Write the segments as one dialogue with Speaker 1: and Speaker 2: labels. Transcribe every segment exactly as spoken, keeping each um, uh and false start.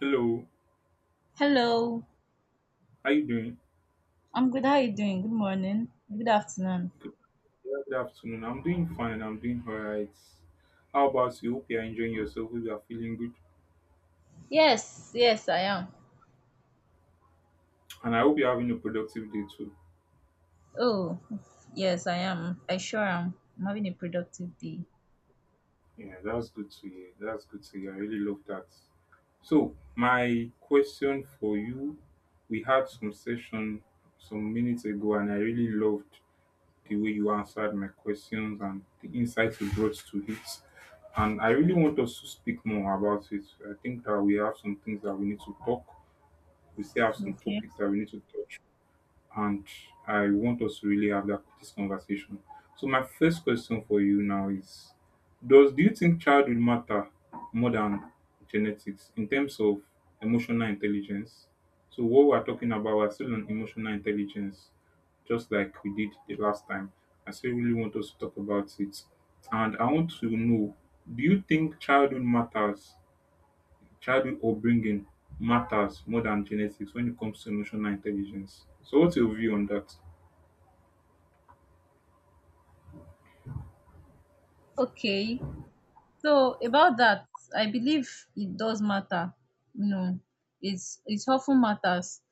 Speaker 1: Hello,
Speaker 2: Hello.
Speaker 1: how you doing?
Speaker 2: I'm good. How are you doing? Good morning. Good afternoon.
Speaker 1: Good yeah, good afternoon. I'm doing fine. I'm doing all right. How about you? Hope you're enjoying yourself. Hope you're feeling good,
Speaker 2: Yes, yes, I am.
Speaker 1: and I hope you're having a productive day too.
Speaker 2: Oh, yes, I am. I sure am. I'm having a productive day.
Speaker 1: Yeah, that's good to hear. That's good to hear. I really love that. So, my question for you: we had some session some minutes ago, and I really loved the way you answered my questions and the insights you brought to it. And I really want us to speak more about it. I think that we have some things that we need to talk We still have some
Speaker 2: Okay.
Speaker 1: topics that we need to touch, and I want us to really have that this conversation. So my first question for you now is: Does do you think childhood matter more than genetics in terms of emotional intelligence? So what we are talking about, we're still on emotional intelligence, just like we did the last time. I still really want us to talk about it, and I want to know: do you think childhood matters childhood upbringing matters more than genetics when it comes to emotional intelligence? So, what's your view on that?
Speaker 2: Okay, so about that, I believe it does matter. You know, it's it often matters,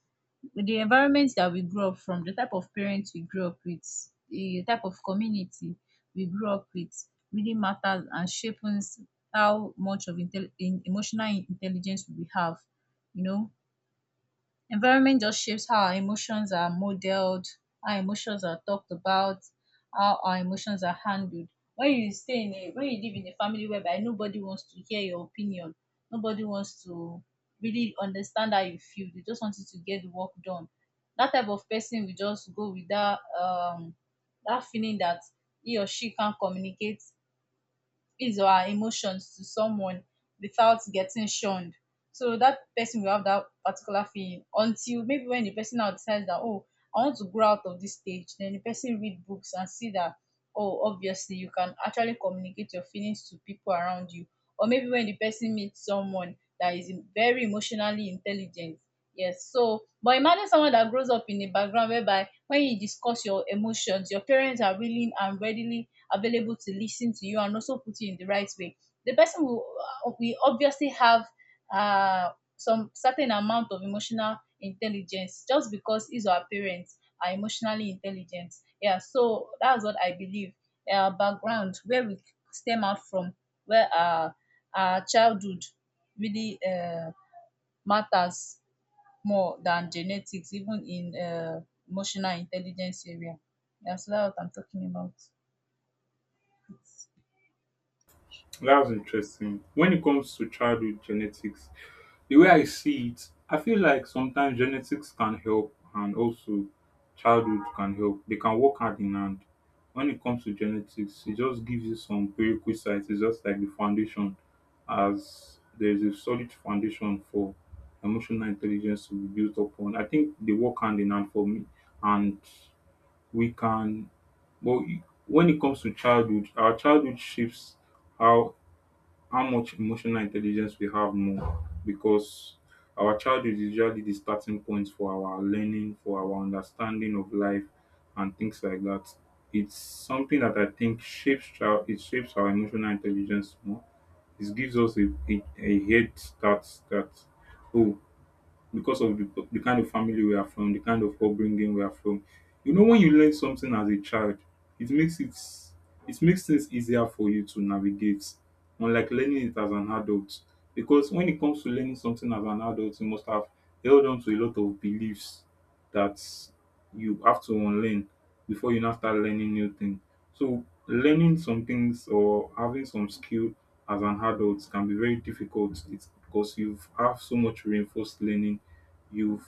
Speaker 2: the environment that we grew up from, the type of parents we grew up with, the type of community we grew up with really matters and shapes how much of intel- in emotional intelligence we have. You know, environment just shapes how our emotions are modeled, how emotions are talked about, how our emotions are handled. When you stay in a when you live in a family whereby nobody wants to hear your opinion, nobody wants to really understand how you feel, they just want you to get the work done. That type of person will just go with that um that feeling that he or she can't communicate is our emotions to someone without getting shunned. So that person will have that particular feeling until maybe when the person now decides that, oh, I want to grow out of this stage, then the person read books and see that, oh, obviously you can actually communicate your feelings to people around you. Or maybe when the person meets someone that is in- very emotionally intelligent. Yes, so but imagine someone that grows up in a background whereby when you discuss your emotions, your parents are willing and readily available to listen to you and also put you in the right way. The person will, uh, we obviously have uh, some certain amount of emotional intelligence just because his or her parents are emotionally intelligent. Yeah, so that's what I believe. Uh, background where we stem out from, where our, our childhood really uh, matters more than genetics, even in uh, emotional intelligence area. Yeah, so that's what I'm talking about.
Speaker 1: That's interesting. When it comes to childhood genetics, The way I see it, I feel like sometimes genetics can help and also childhood can help. They can work hand in hand. When it comes to genetics, it just gives you some prerequisites. It's just like the foundation, as there's a solid foundation for emotional intelligence to be built upon. I think they work hand in hand for me. And we can, but when it comes to childhood, our childhood shapes how how much emotional intelligence we have more because our childhood is usually the starting point for our learning, for our understanding of life and things like that. It's something that I think shapes child it shapes our emotional intelligence more. It gives us a, a, a head start that oh because of the, the kind of family we are from, the kind of upbringing we are from. You know, when you learn something as a child, it makes it it makes things easier for you to navigate, unlike learning it as an adult. Because when it comes to learning something as an adult, you must have held on to a lot of beliefs that you have to unlearn before you now start learning new things. So learning some things or having some skill as an adult can be very difficult. It's because you've have so much reinforced learning You've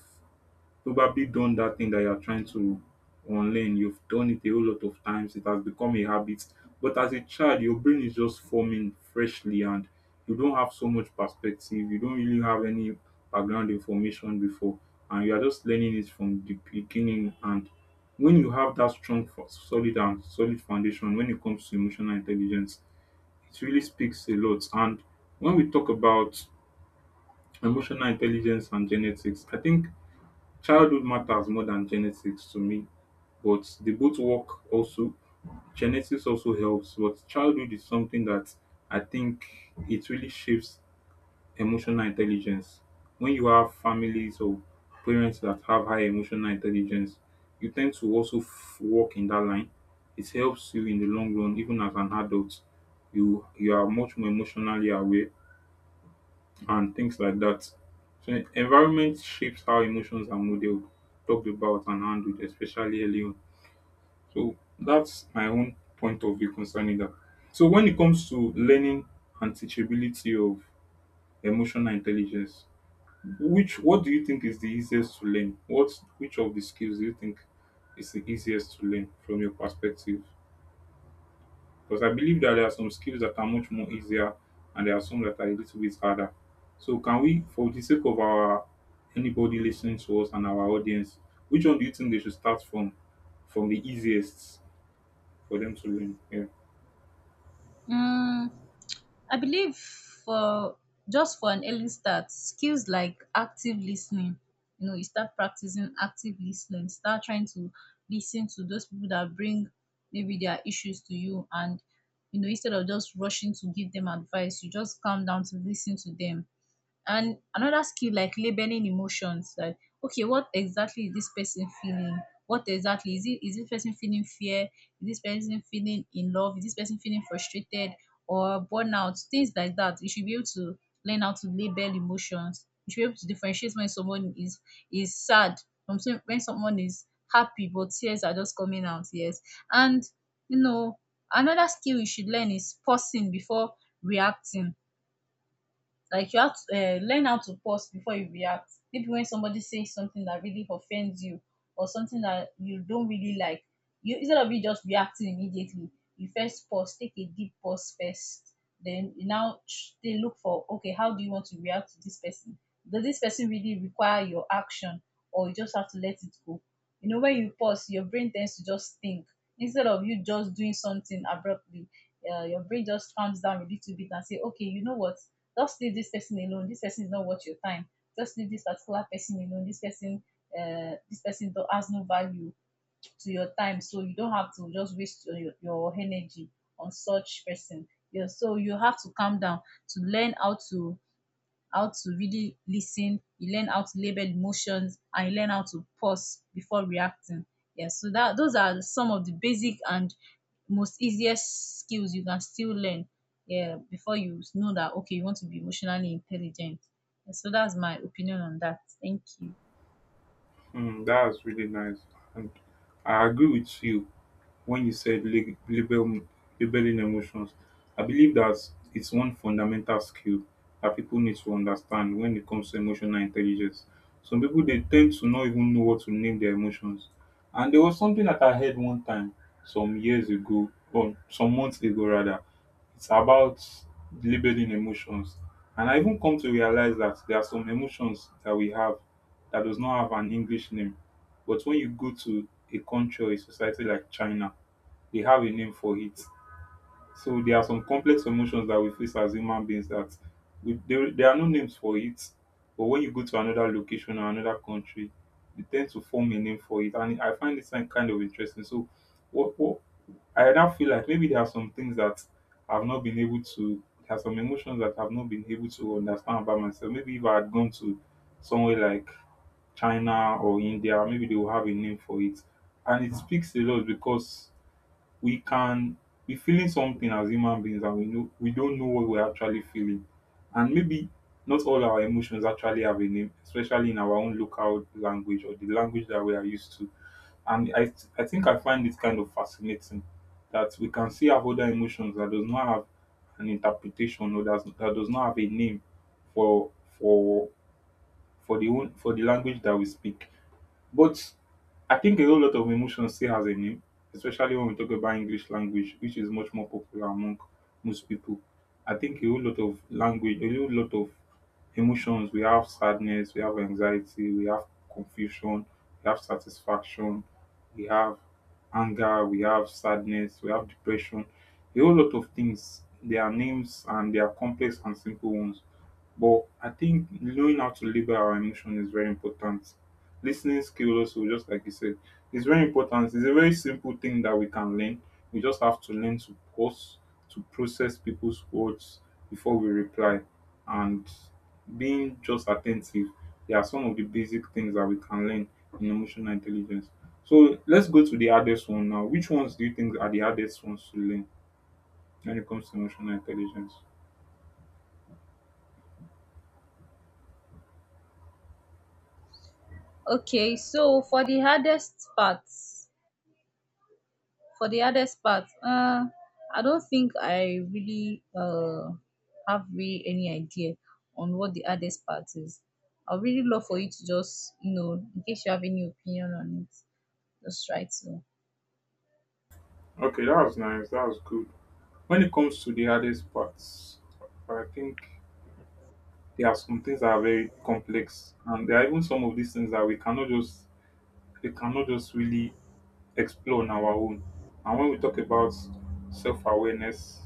Speaker 1: probably done that thing that you're trying to unlearn. You've done it a whole lot of times. It has become a habit. But as a child, your brain is just forming freshly and you don't have so much perspective. You don't really have any background information before. And you are just learning it from the beginning. And when you have that strong, fo- solid, and solid foundation when it comes to emotional intelligence, it really speaks a lot. And when we talk about emotional intelligence and genetics, I think childhood matters more than genetics to me, but they both work also. Genetics also helps, but childhood is something that I think it really shapes emotional intelligence. When you have families or parents that have high emotional intelligence, you tend to also f- work in that line. It helps you in the long run, even as an adult. You you are much more emotionally aware and things like that. So environment shapes how emotions are modeled, talked about, and handled, especially early on. So that's my own point of view concerning that. So when it comes to learning and teachability of emotional intelligence, which what do you think is the easiest to learn? What which of the skills do you think is the easiest to learn from your perspective? Because I believe that there are some skills that are much more easier and there are some that are a little bit harder. So can we, for the sake of our anybody listening to us and our audience, which one do you think they should start from? From the easiest for them to learn. Yeah.
Speaker 2: Mm, I believe for just for an early start, skills like active listening. You know, you start practicing active listening, start trying to listen to those people that bring maybe their issues to you, and you know, instead of just rushing to give them advice, you just calm down to listen to them. And another skill like labeling emotions, like okay, what exactly is this person feeling? What exactly is it? Is this person feeling fear? Is this person feeling in love? Is this person feeling frustrated or burnout? Things like that. You should be able to learn how to label emotions. You should be able to differentiate when someone is is sad from some- when someone is happy, but tears are just coming out. Yes, and you know, another skill you should learn is pausing before reacting. Like you have to eh, learn how to pause before you react. Maybe when somebody says something that really offends you or something that you don't really like, you instead of you just reacting immediately, you first pause, take a deep pause first. Then you now ch- they look for okay, how do you want to react to this person? Does this person really require your action, or you just have to let it go? You know, when you pause, your brain tends to just think instead of you just doing something abruptly. Uh, your brain just calms down a little bit and say, okay, you know what? Just leave this person alone. This person is not worth your time. Just leave this particular person alone. This person, uh, this person do- has no value to your time, so you don't have to just waste your, your energy on such person. Yeah, so you have to calm down to learn how to how to really listen. You learn how to label emotions and you learn how to pause before reacting. Yeah, so that those are some of the basic and most easiest skills you can still learn. Yeah, before you know that okay you want to be emotionally intelligent. Yeah, so that's my opinion on that. Thank you.
Speaker 1: Mm, that's really nice. And I agree with you when you said lab- label, labeling emotions. I believe that it's one fundamental skill that people need to understand when it comes to emotional intelligence. Some people they tend to not even know what to name their emotions. And there was something that I heard one time some years ago, or some months ago rather. It's about labeling emotions. And I even come to realize that there are some emotions that we have that does not have an English name. But when you go to a country or a society like China, they have a name for it. So there are some complex emotions that we face as human beings that we, there, there are no names for it. But when you go to another location or another country, they tend to form a name for it. And I find this thing kind of interesting. So what, what I now feel like maybe there are some things that I've not been able to, there are some emotions that I've not been able to understand about myself. Maybe if I had gone to somewhere like China or India, maybe they will have a name for it. And it speaks a lot because we can be feeling something as human beings and we know we don't know what we're actually feeling. And maybe not all our emotions actually have a name, especially in our own local language or the language that we are used to. And I I think I find it kind of fascinating that we can see have other emotions that does not have an interpretation or that, that does not have a name for for for the own for the language that we speak, but I think a whole lot of emotion still has a name, especially when we talk about English language, which is much more popular among most people. I think a whole lot of language, a whole lot of emotions. We have sadness, we have anxiety, we have confusion, we have satisfaction, we have anger, we have sadness, we have depression. A whole lot of things. They are names and they are complex and simple ones. But I think knowing how to label our emotion is very important. Listening ten ing skill also, just like you said, is very important. It's a very simple thing that we can learn. We just have to learn to pause, to process people's words before we reply, and being just attentive. They are some of the basic things that we can learn in emotional intelligence. So let's go to the hardest one now. Which ones do you think are the hardest ones to learn when it comes to emotional intelligence?
Speaker 2: Okay, so for the hardest parts, for the hardest part, uh, I don't think I really uh, have really any idea on what the hardest part is. I would really love for you to just, you know, in case you have any opinion on it, just try to.
Speaker 1: Okay, that was nice. That was good. When it comes to the hardest parts, I think there are some things that are very complex, and there are even some of these things that we cannot just we cannot just really explore on our own. And when we talk about self-awareness,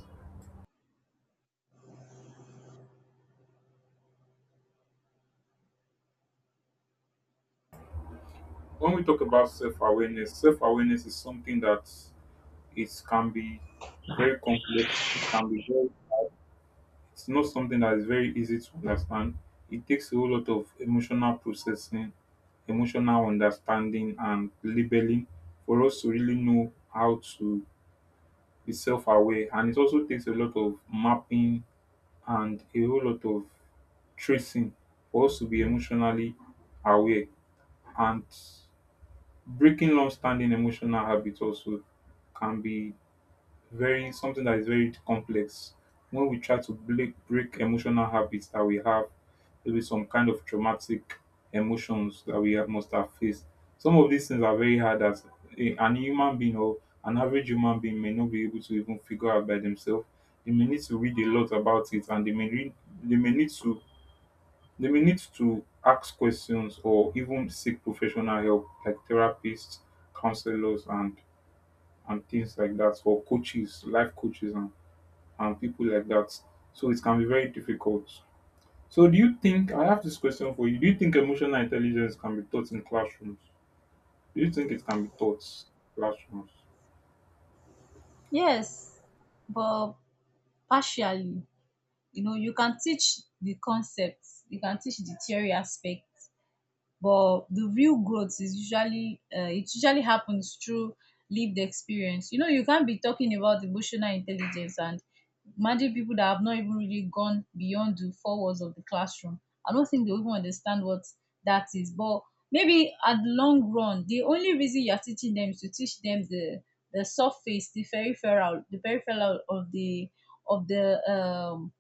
Speaker 1: when we talk about self-awareness, self-awareness is something that it can be very complex, can be very it's not something that is very easy to understand. It takes a whole lot of emotional processing, emotional understanding, and labeling for us to really know how to is self-aware, and it also takes a lot of mapping and a whole lot of tracing for us to be emotionally aware. And breaking long standing emotional habits also can be very something that is very complex. When we try to break, break emotional habits that we have, maybe some kind of traumatic emotions that we have, must have faced. Some of these things are very hard as a, an human being, or an average human being, may not be able to even figure out by themselves. They may need to read a lot about it, and they may read, they may need to they may need to ask questions or even seek professional help like therapists, counselors, and and things like that, or coaches, life coaches, and and people like that. So it can be very difficult. So do you think I have this question for you? Do you think emotional intelligence can be taught in classrooms? Do you think it can be taught in classrooms?
Speaker 2: Yes, but partially. You know, you can teach the concepts, you can teach the theory aspect, but the real growth is usually uh, it usually happens through lived experience. You know, you can't be talking about emotional intelligence and imagine people that have not even really gone beyond the four walls of the classroom. I don't think they even understand what that is. But maybe at the long run, the only reason you're teaching them is to teach them the the surface, the peripheral the peripheral of the of the um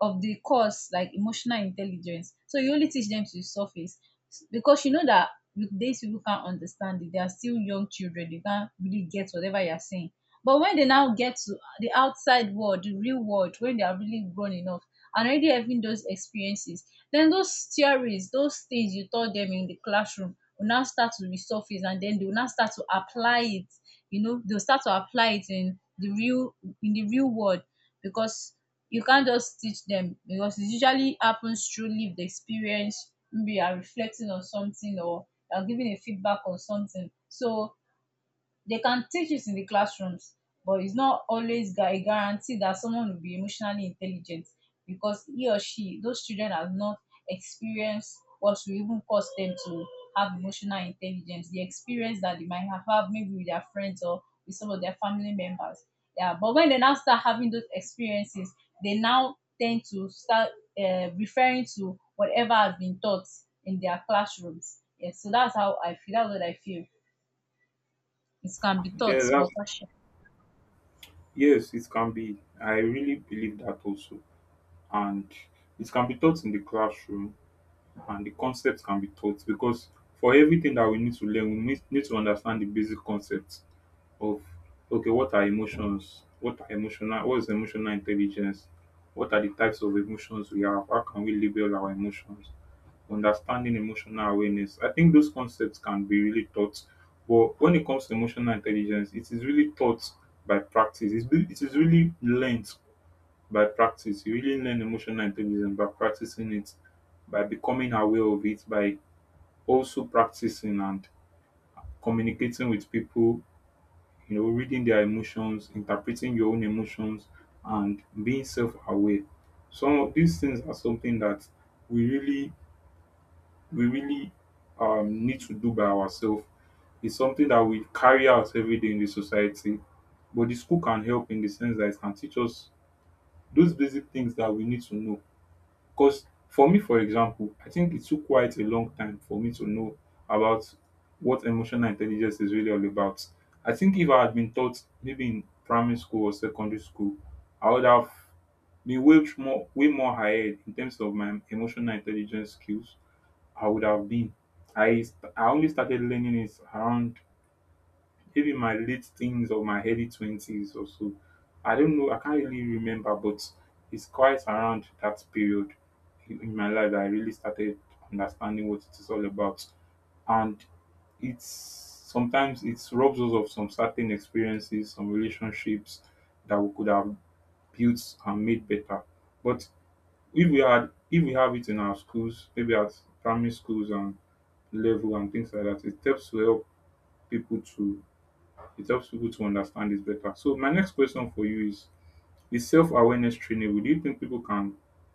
Speaker 2: of the course like emotional intelligence. So you only teach them to the surface because you know that with these people can't understand it. They are still young children. They can't really get whatever you are saying. But when they now get to the outside world, the real world, when they are really grown enough and already having those experiences, then those theories, those things you taught them in the classroom will now start to resurface, and then they will now start to apply it. You know, they'll start to apply it in the real in the real world, because you can't just teach them, because it usually happens through lived experience. Maybe you are reflecting on something or you are giving a feedback on something. So they can teach it in the classrooms, but it's not always gu- a guarantee that someone will be emotionally intelligent because he or she, those children have not experienced what will even cause them to have emotional intelligence. The experience that they might have had maybe with their friends or with some of their family members. Yeah, but when they now start having those experiences, they now tend to start uh, referring to whatever has been taught in their classrooms. Yes, so that's how I feel. That's what I feel. It can be taught
Speaker 1: Yeah, that's
Speaker 2: but partial.
Speaker 1: yes, it can be. I really believe that also. And it can be taught in the classroom and the concepts can be taught because for everything that we need to learn, we need need to understand the basic concepts of okay, what are emotions? What are emotional? What is emotional intelligence? What are the types of emotions we have? How can we label our emotions? Understanding emotional awareness. I think those concepts can be really taught, but when it comes to emotional intelligence, it is really taught by practice. It's, be- it is really learned by practice. You really learn emotional intelligence by practicing it, by becoming aware of it, by also practicing and communicating with people, you know, reading their emotions, interpreting your own emotions, and being self-aware. Some of these things are something that we really, we really um, need to do by ourselves. It's something that we carry out every day in the society, but the school can help in the sense that it can teach us those basic things that we need to know. 'Cause for me, for example, I think it took quite a long time for me to know about what emotional intelligence is really all about. I think if I had been taught maybe in primary school or secondary school, I would have been way more way more ahead in terms of my emotional intelligence skills. I would have been. I st- I only started learning it around maybe my late teens or my early twenties or so. I don't know, I can't really remember, but it's quite around that period in my life that I really started understanding what it is all about. And it's sometimes it robs us of some certain experiences, some relationships that we could have built and made better. But if we had if we have it in our schools, maybe at primary schools and level and things like that, it helps to help people to it helps people to understand this better. So my next question for you is is self awareness trainable? Do you think people can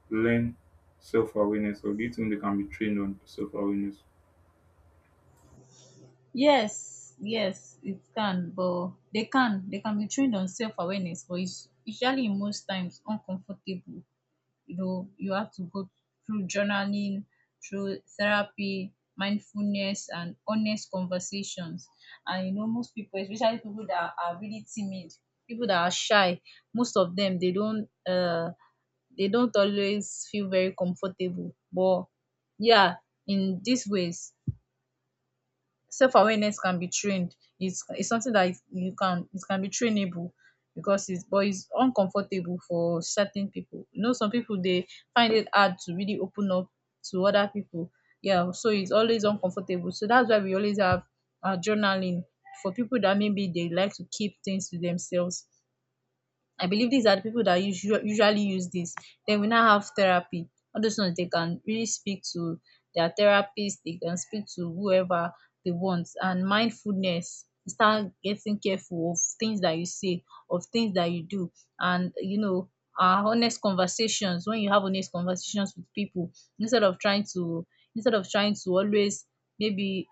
Speaker 1: learn self awareness, or do you think they can be trained on self awareness?
Speaker 2: Yes, yes, it can, but they can they can be trained on self awareness, but it's usually in most times uncomfortable. You know, you have to go through journaling, through therapy, mindfulness, and honest conversations. And you know, most people, especially people that are really timid, people that are shy, most of them they don't uh they don't always feel very comfortable. But yeah, in these ways, self awareness can be trained. It's it's something that you can it can be trainable, because it's but it's uncomfortable for certain people. You know, some people they find it hard to really open up to other people. Yeah, so it's always uncomfortable. So that's why we always have uh, journaling for people that maybe they like to keep things to themselves. I believe these are the people that usually usually use this. Then we now have therapy. All those ones they can really speak to their therapist, they can speak to whoever they want. And mindfulness, start getting careful of things that you say, of things that you do. And you know, uh, honest conversations, when you have honest conversations with people, instead of trying to instead of trying to always maybe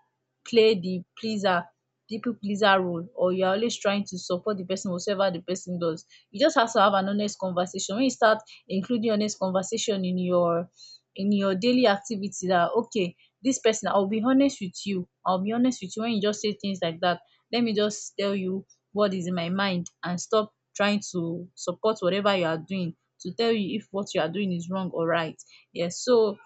Speaker 2: play the pleaser people pleaser role, or you're always trying to support the person whatever the person does, you just have to have an honest conversation. When you start including honest conversation in your in your daily activity, that okay, this person, I'll be honest with you. I'll be honest with you. When you just say things like that, let me just tell you what is in my mind and stop trying to support whatever you are doing, to tell you if what you are doing is wrong or right. Yes. So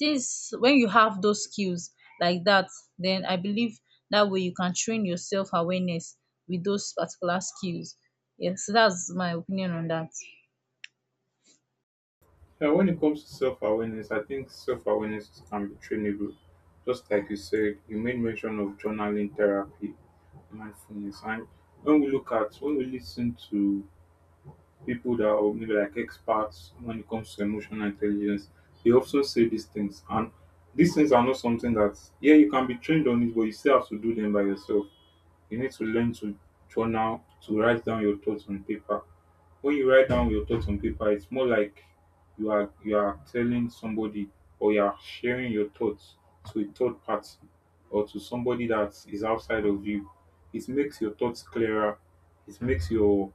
Speaker 2: this when you have those skills like that, then I believe that way you can train your self awareness with those particular skills. Yes, that's my opinion on that.
Speaker 1: Yeah, when it comes to self awareness, I think self awareness can be trainable. Just like you said, you made mention of journaling, therapy, mindfulness. And when we look at when we listen to people that are maybe like experts when it comes to emotional intelligence, they also say these things. And these things are not something that, yeah, you can be trained on it, but you still have to do them by yourself. You need to learn to journal, to write down your thoughts on paper. When you write down your thoughts on paper, it's more like you are you are telling somebody or you are sharing your thoughts to a third party or to somebody that is outside of you. It makes your thoughts clearer. It makes your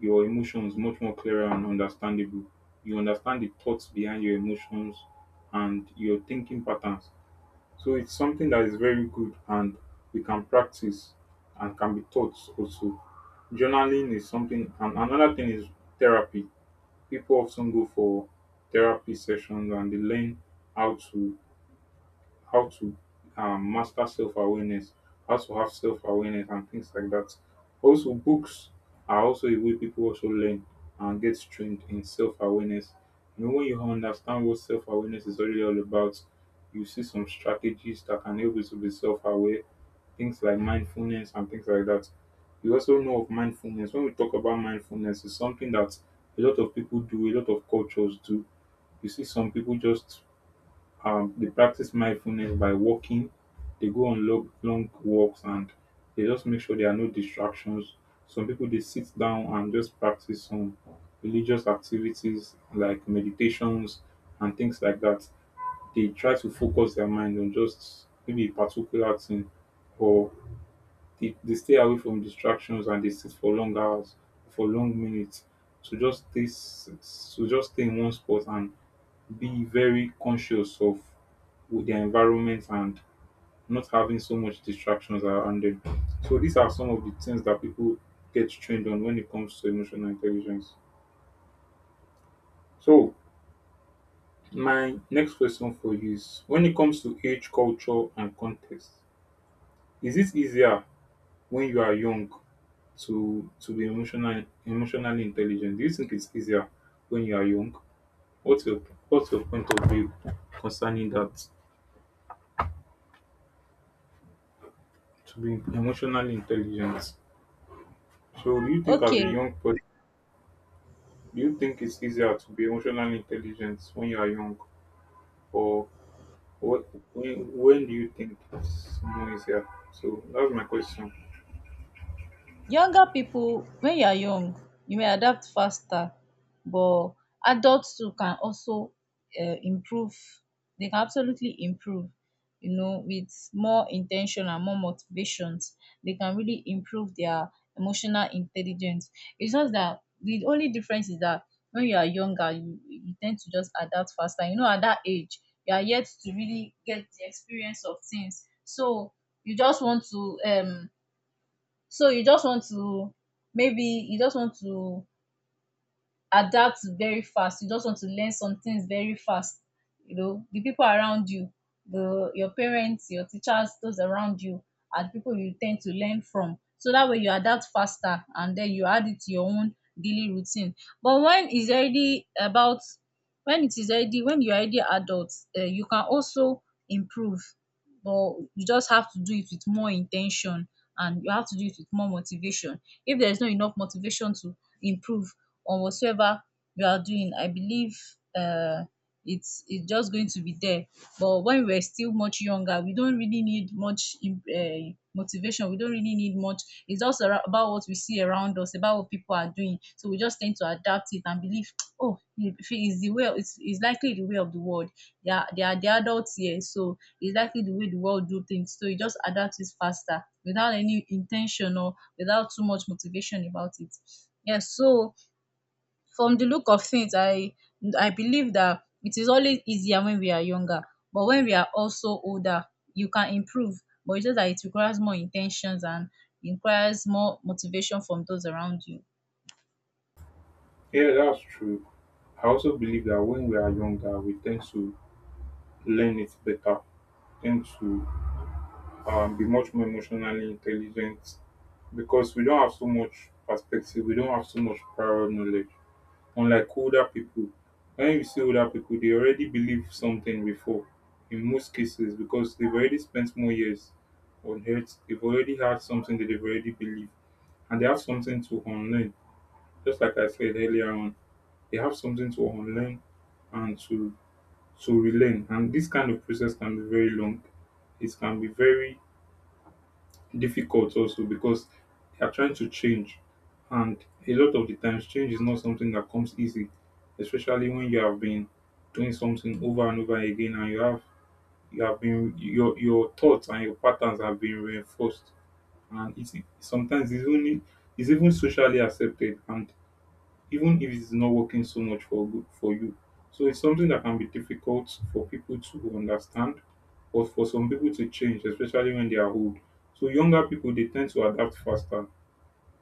Speaker 1: your emotions much more clearer and understandable. You understand the thoughts behind your emotions and your thinking patterns. So it's something that is very good and we can practice and can be taught also. Journaling is something, and another thing is therapy. People often go for therapy sessions and they learn how to how to um, master self awareness, how to have self awareness, and things like that. Also, books are also a way people also learn and get trained in self awareness. You know, when you understand what self awareness is really all about, you see some strategies that can help you to be self aware, things like mindfulness and things like that. You also know of mindfulness. When we talk about mindfulness, it's something that a lot of people do, a lot of cultures do. You see some people just um, they practice mindfulness by walking. They go on long, long walks and they just make sure there are no distractions. Some people they sit down and just practice some religious activities like meditations and things like that. They try to focus their mind on just maybe a particular thing, or they, they stay away from distractions and they sit for long hours, for long minutes, to just stay, s- so just stay in one spot and be very conscious of their environment and not having so much distractions around them. So these are some of the things that people get trained on when it comes to emotional intelligence. So my next question for you is, when it comes to age, culture and context, is it easier when you are young to to be emotional emotionally intelligent? Do you think it's easier when you are young? What's your what's your point of view concerning that, to be emotionally intelligent? So do you think, as a
Speaker 2: Okay.
Speaker 1: young person, do you think it's easier to be emotionally intelligent when you are young, or what? When when do you think it's more easier? So that's my question.
Speaker 2: Younger people, when you are young you may adapt faster, but adults too can also um improve. They can absolutely improve, you know, with more intention and more motivations. They can really improve their emotional intelligence. Its just that the only difference is that when you are younger you you ten to just adapt faster. You know, at that age you are yet to really get the experience of things, so you just want to um so you just want to maybe you just want to adapt very fast, you just want to learn some things very fast. You know, the people around you, the your parents, your teachers, those around you are the people you tend to learn from, so that way you adapt faster and then you add it to your own daily routine. But when it's already about when it is already when you're already adult, uh, you can also improve, but you just have to do it with more intention, and you have to do it with more motivation. If there's not enough motivation to improve on whatsoever you are doing, I believe uh, it's it's just going to be there. But when we are still much younger, we don't really need much uh, motivation. We don't really need much. It's just ara- about what we see around us, about what people are doing. So we just tend to adapt it and believe, oh, it is the way. It's, it's likely the way of the world. They are they are the adults here, so it's likely the way the world do things. So you just adapt it faster without any intention or without too much motivation about it. Yes, so from the look of things, I I believe that it is always easier when we are younger, but when we are also older you can improve, but it's just that it requires more intentions and requires more motivation from those around you.
Speaker 1: Yeah, that's true. I also believe that when we are younger, we tend to learn it better, tend to um, be much more emotionally intelligent because we don't have so much perspective, we don't have so much prior knowledge, unlike older people. When you see older people, they already believe something before, in most cases, because they've already spent more years on earth. They've already had something that they've already believe, and they have something to unlearn. Just like I said earlier on, they have something to unlearn and to to relearn, and this kind of process can be very long. It can be very difficult also because they are trying to change. And a lot of the times, change is not something that comes easy, especially when you have been doing something over and over again, and you have you have been, your your thoughts and your patterns have been reinforced. And it's sometimes it's only, it's even socially accepted, and even if it's not working so much for good for you. So it's something that can be difficult for people to understand, but for some people to change, especially when they are old. So younger people they tend to adapt faster.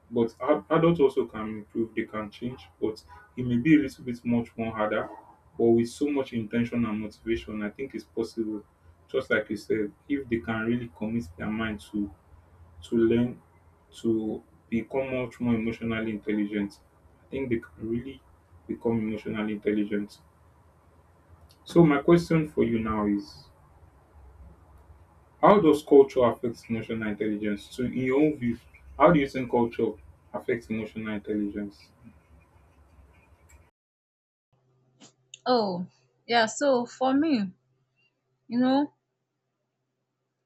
Speaker 1: But ad- adults also can improve, they can change, but it may be a little bit much more harder. But with so much intention and motivation, I think it's possible. Just like you said, if they can really commit their mind to to learn to become much more emotionally intelligent. I think they can really become emotionally intelligent. So my question for you now is, how does culture affect emotional intelligence? So in your own view, how do you think culture affects emotional intelligence?
Speaker 2: Oh, yeah, so for me, you know,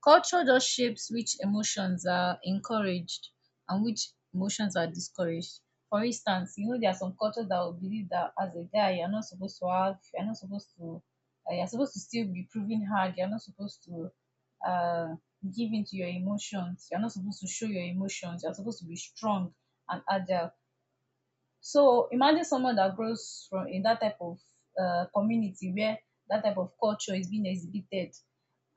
Speaker 2: culture just shapes which emotions are encouraged and which emotions are discouraged. For instance, you know, there are some cultures that will believe that as a guy you're not supposed to have you're not supposed to, uh, you're supposed to still be proving hard, you're not supposed to, uh, give into your emotions, you're not supposed to show your emotions, you're supposed to be strong and agile. So imagine someone that grows from in that type of, uh, community where that type of culture is being exhibited.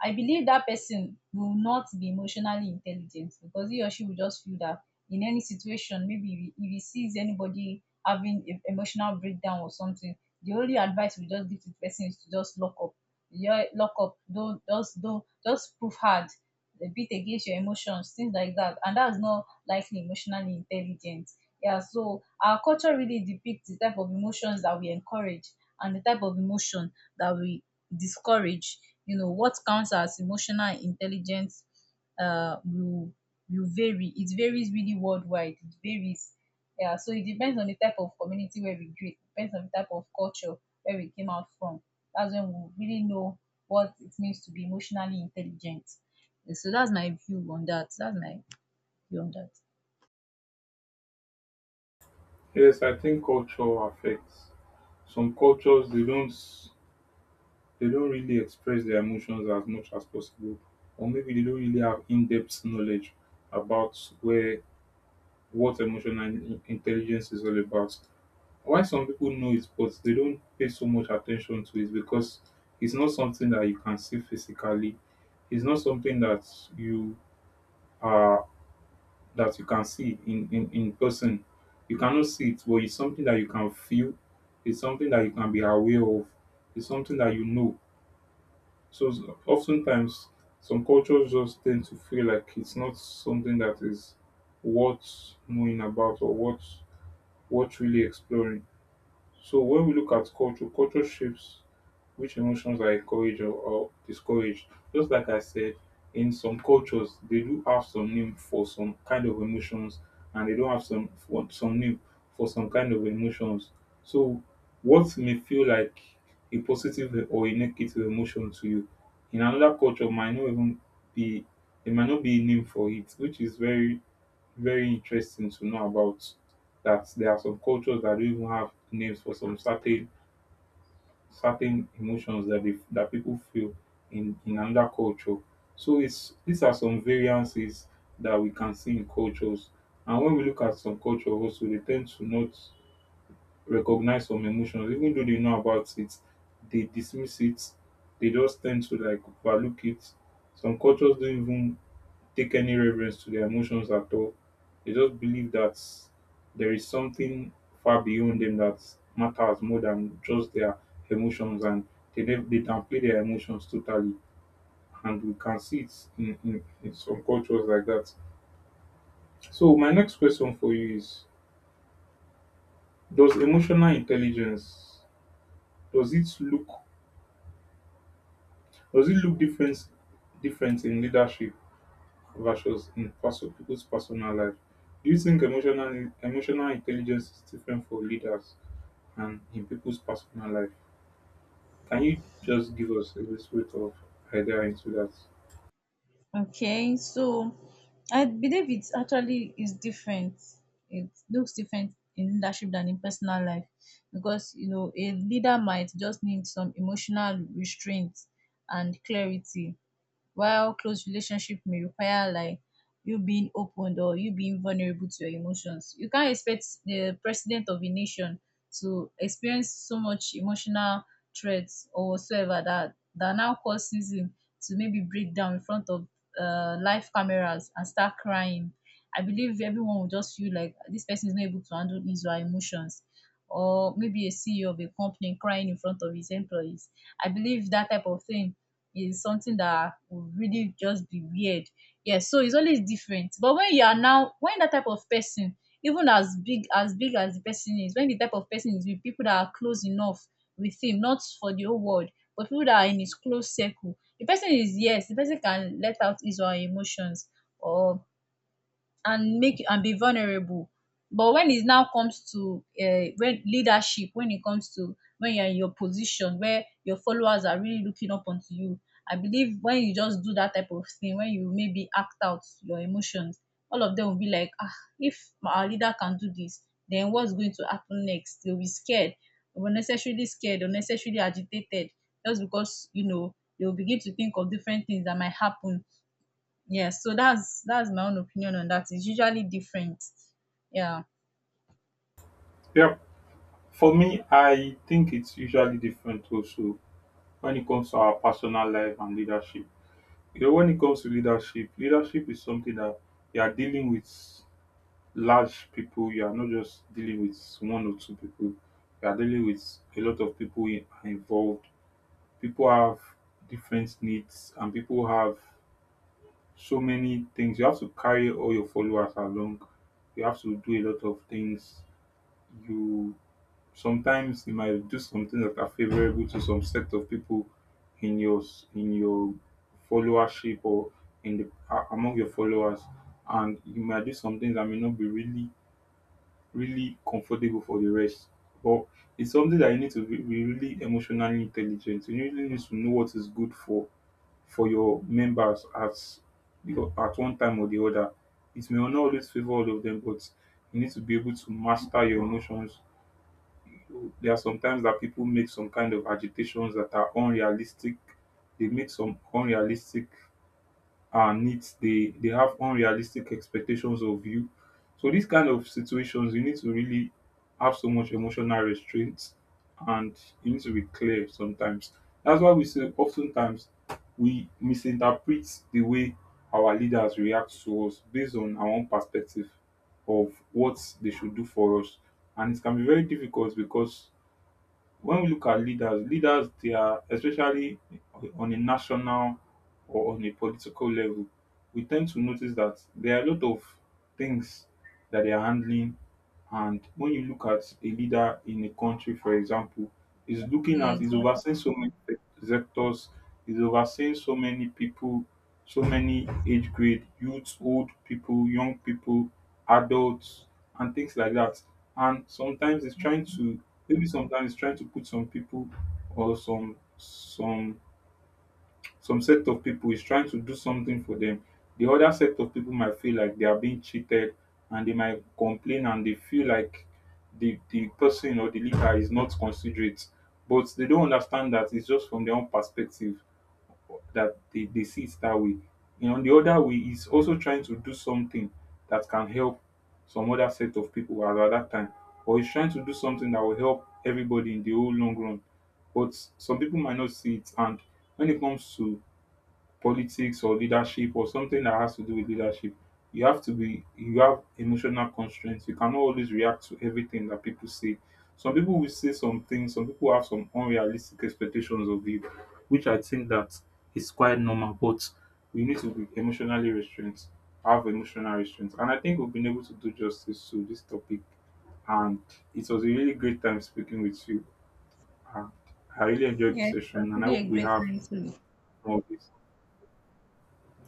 Speaker 2: I believe that person will not be emotionally intelligent, because he or she will just feel that in any situation, maybe if if he sees anybody having a emotional breakdown or something, the only advice we just give to the person is to just lock up. Yeah, lock up. Don't just don't just prove hard a bit against your emotions, things like that. And that's not likely emotionally intelligent. Yeah, so our culture really depicts the type of emotions that we encourage and the type of emotion that we discourage. You know, what counts as emotional intelligence uh, will, will vary. It varies really worldwide. It varies. Yeah, so it depends on the type of community where we grew. It depends on the type of culture where we came out from. That's when we really know what it means to be emotionally intelligent. So that's my view on that. That's my view on that.
Speaker 1: Yes, I think culture affects. Some cultures they don't they don't really express their emotions as much as possible. Or maybe they don't really have in-depth knowledge about where, what emotional in- intelligence is all about. Why some people know it but they don't pay so much attention to it because it's not something that you can see physically. It's not something that you are that you can see in, in, in person. You cannot see it, but it's something that you can feel. It's something that you can be aware of. It's something that you know. So s- oftentimes some cultures just tend to feel like it's not something that is worth knowing about or worth worth really exploring. So when we look at culture, culture shapes which emotions are encouraged or, or discouraged. Just like I said, in some cultures they do have some name for some kind of emotions, and they don't have some for some name for some kind of emotions. So what may feel like a positive or a negative emotion to you in another culture might not even be, there might not be a name for it, which is very very interesting to know about, that there are some cultures that don't even have names for some certain certain emotions that they, that people feel in in another culture. So it's, these are some variances that we can see in cultures. And when we look at some culture also, they tend to not recognize some emotions. Even though they know about it, they dismiss it. They just tend to like overlook it. Some cultures don't even take any reverence to their emotions at all. They just believe that there is something far beyond them that matters more than just their emotions, and they nev- they downplay their emotions totally. And we can see it in, in, in some cultures like that. So my next question for you is: does emotional intelligence, does it look does it look different, different in leadership versus in perso- people's personal life? Do you think emotional emotional intelligence is different for leaders and in people's personal life? Can you just give us a little bit of idea into that?
Speaker 2: Okay, so I believe it's actually is different. It looks different in leadership than in personal life, because you know a leader might just need some emotional restraint and clarity, while close relationship may require like you being open or you being vulnerable to your emotions. You can't expect the president of a nation to experience so much emotional threats or whatsoever that that now causes him to maybe break down in front of uh, live cameras and start crying. I believe everyone will just feel like this person is not able to handle his or her emotions. Or maybe a C E O of a company crying in front of his employees. I believe that type of thing is something that would really just be weird. Yes, so it's always different. But when you are now, when that type of person, even as big as big as the person is, when the type of person is with people that are close enough with him, not for the whole world, but people that are in his close circle, the person is, yes, the person can let out his or her emotions or and make and be vulnerable. But when it now comes to, um when leadership, when it comes to when you're in your position where your followers are really looking up onto you, I believe when you just do that type of thing, when you maybe act out your emotions, all of them will be like, ah, if our leader can do this, then what's going to happen next? They'll be scared, unnecessarily scared, unnecessarily agitated, just because, you know, they'll begin to think of different things that might happen. Yes, so that's that's my own opinion on that. It's usually different. Yeah.
Speaker 1: Yeah, for me, I think it's usually different also when it comes to our personal life and leadership. You know, when it comes to leadership, leadership is something that you are dealing with large people. You are not just dealing with one or two people. You are dealing with a lot of people in- involved. People have different needs and people have so many things. You have to carry all your followers along. You have to do a lot of things. You Sometimes you might do something that are favorable to some set of people in your s- in your followership or in the a- among your followers, and you might do some things that may not be really really comfortable for the rest. But it's something that you need to be be really emotionally intelligent. You really need to know what is good for for your members at, because at one time or the other, it may not always favor all of them, but you need to be able to master your emotions. There are sometimes that people make some kind of agitations that are unrealistic. They make some unrealistic uh, needs. They they have unrealistic expectations of you, so these kind of situations you need to really have so much emotional restraint, and you need to be clear sometimes. That's why we say oftentimes we misinterpret the way our leaders react to us based on our own perspective of what they should do for us, and it can be very difficult because when we look at leaders, leaders, they are, especially on a national or on a political level, we tend to notice that there are a lot of things that they are handling. And when you look at a leader in a country, for example, is looking at,
Speaker 2: Yes,
Speaker 1: is
Speaker 2: that-
Speaker 1: overseeing so many sectors, is overseeing so many people, so many age grade, youth, old people, young people, adults, and things like that. And sometimes it's trying to, maybe sometimes it's trying to put some people or some some some set of people, is trying to do something for them. The other set of people might feel like they are being cheated, and they might complain and they feel like the the person or the leader is not considerate, but they don't understand that it's just from their own perspective that they, they see it that way, you know. The other way, is also trying to do something that can help some other set of people at that time, or is trying to do something that will help everybody in the whole long run. But some people might not see it. And when it comes to politics or leadership or something that has to do with leadership, you have to be, you have emotional constraints. You cannot always react to everything that people say. Some people will say some things, some people have some unrealistic expectations of you, which I think that is quite normal, but we need to be emotionally restrained, have emotional restraints. And I think we've been able to do justice to this topic. And it was a really great time speaking with you. And I really enjoyed the
Speaker 2: Yes,
Speaker 1: session
Speaker 2: it
Speaker 1: and I
Speaker 2: really
Speaker 1: hope
Speaker 2: a
Speaker 1: we
Speaker 2: great
Speaker 1: have
Speaker 2: time too.
Speaker 1: more of this.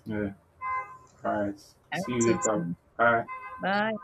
Speaker 1: Yeah. All right.
Speaker 2: I
Speaker 1: See
Speaker 2: hope
Speaker 1: you
Speaker 2: so
Speaker 1: later.
Speaker 2: too.
Speaker 1: Bye.
Speaker 2: Bye.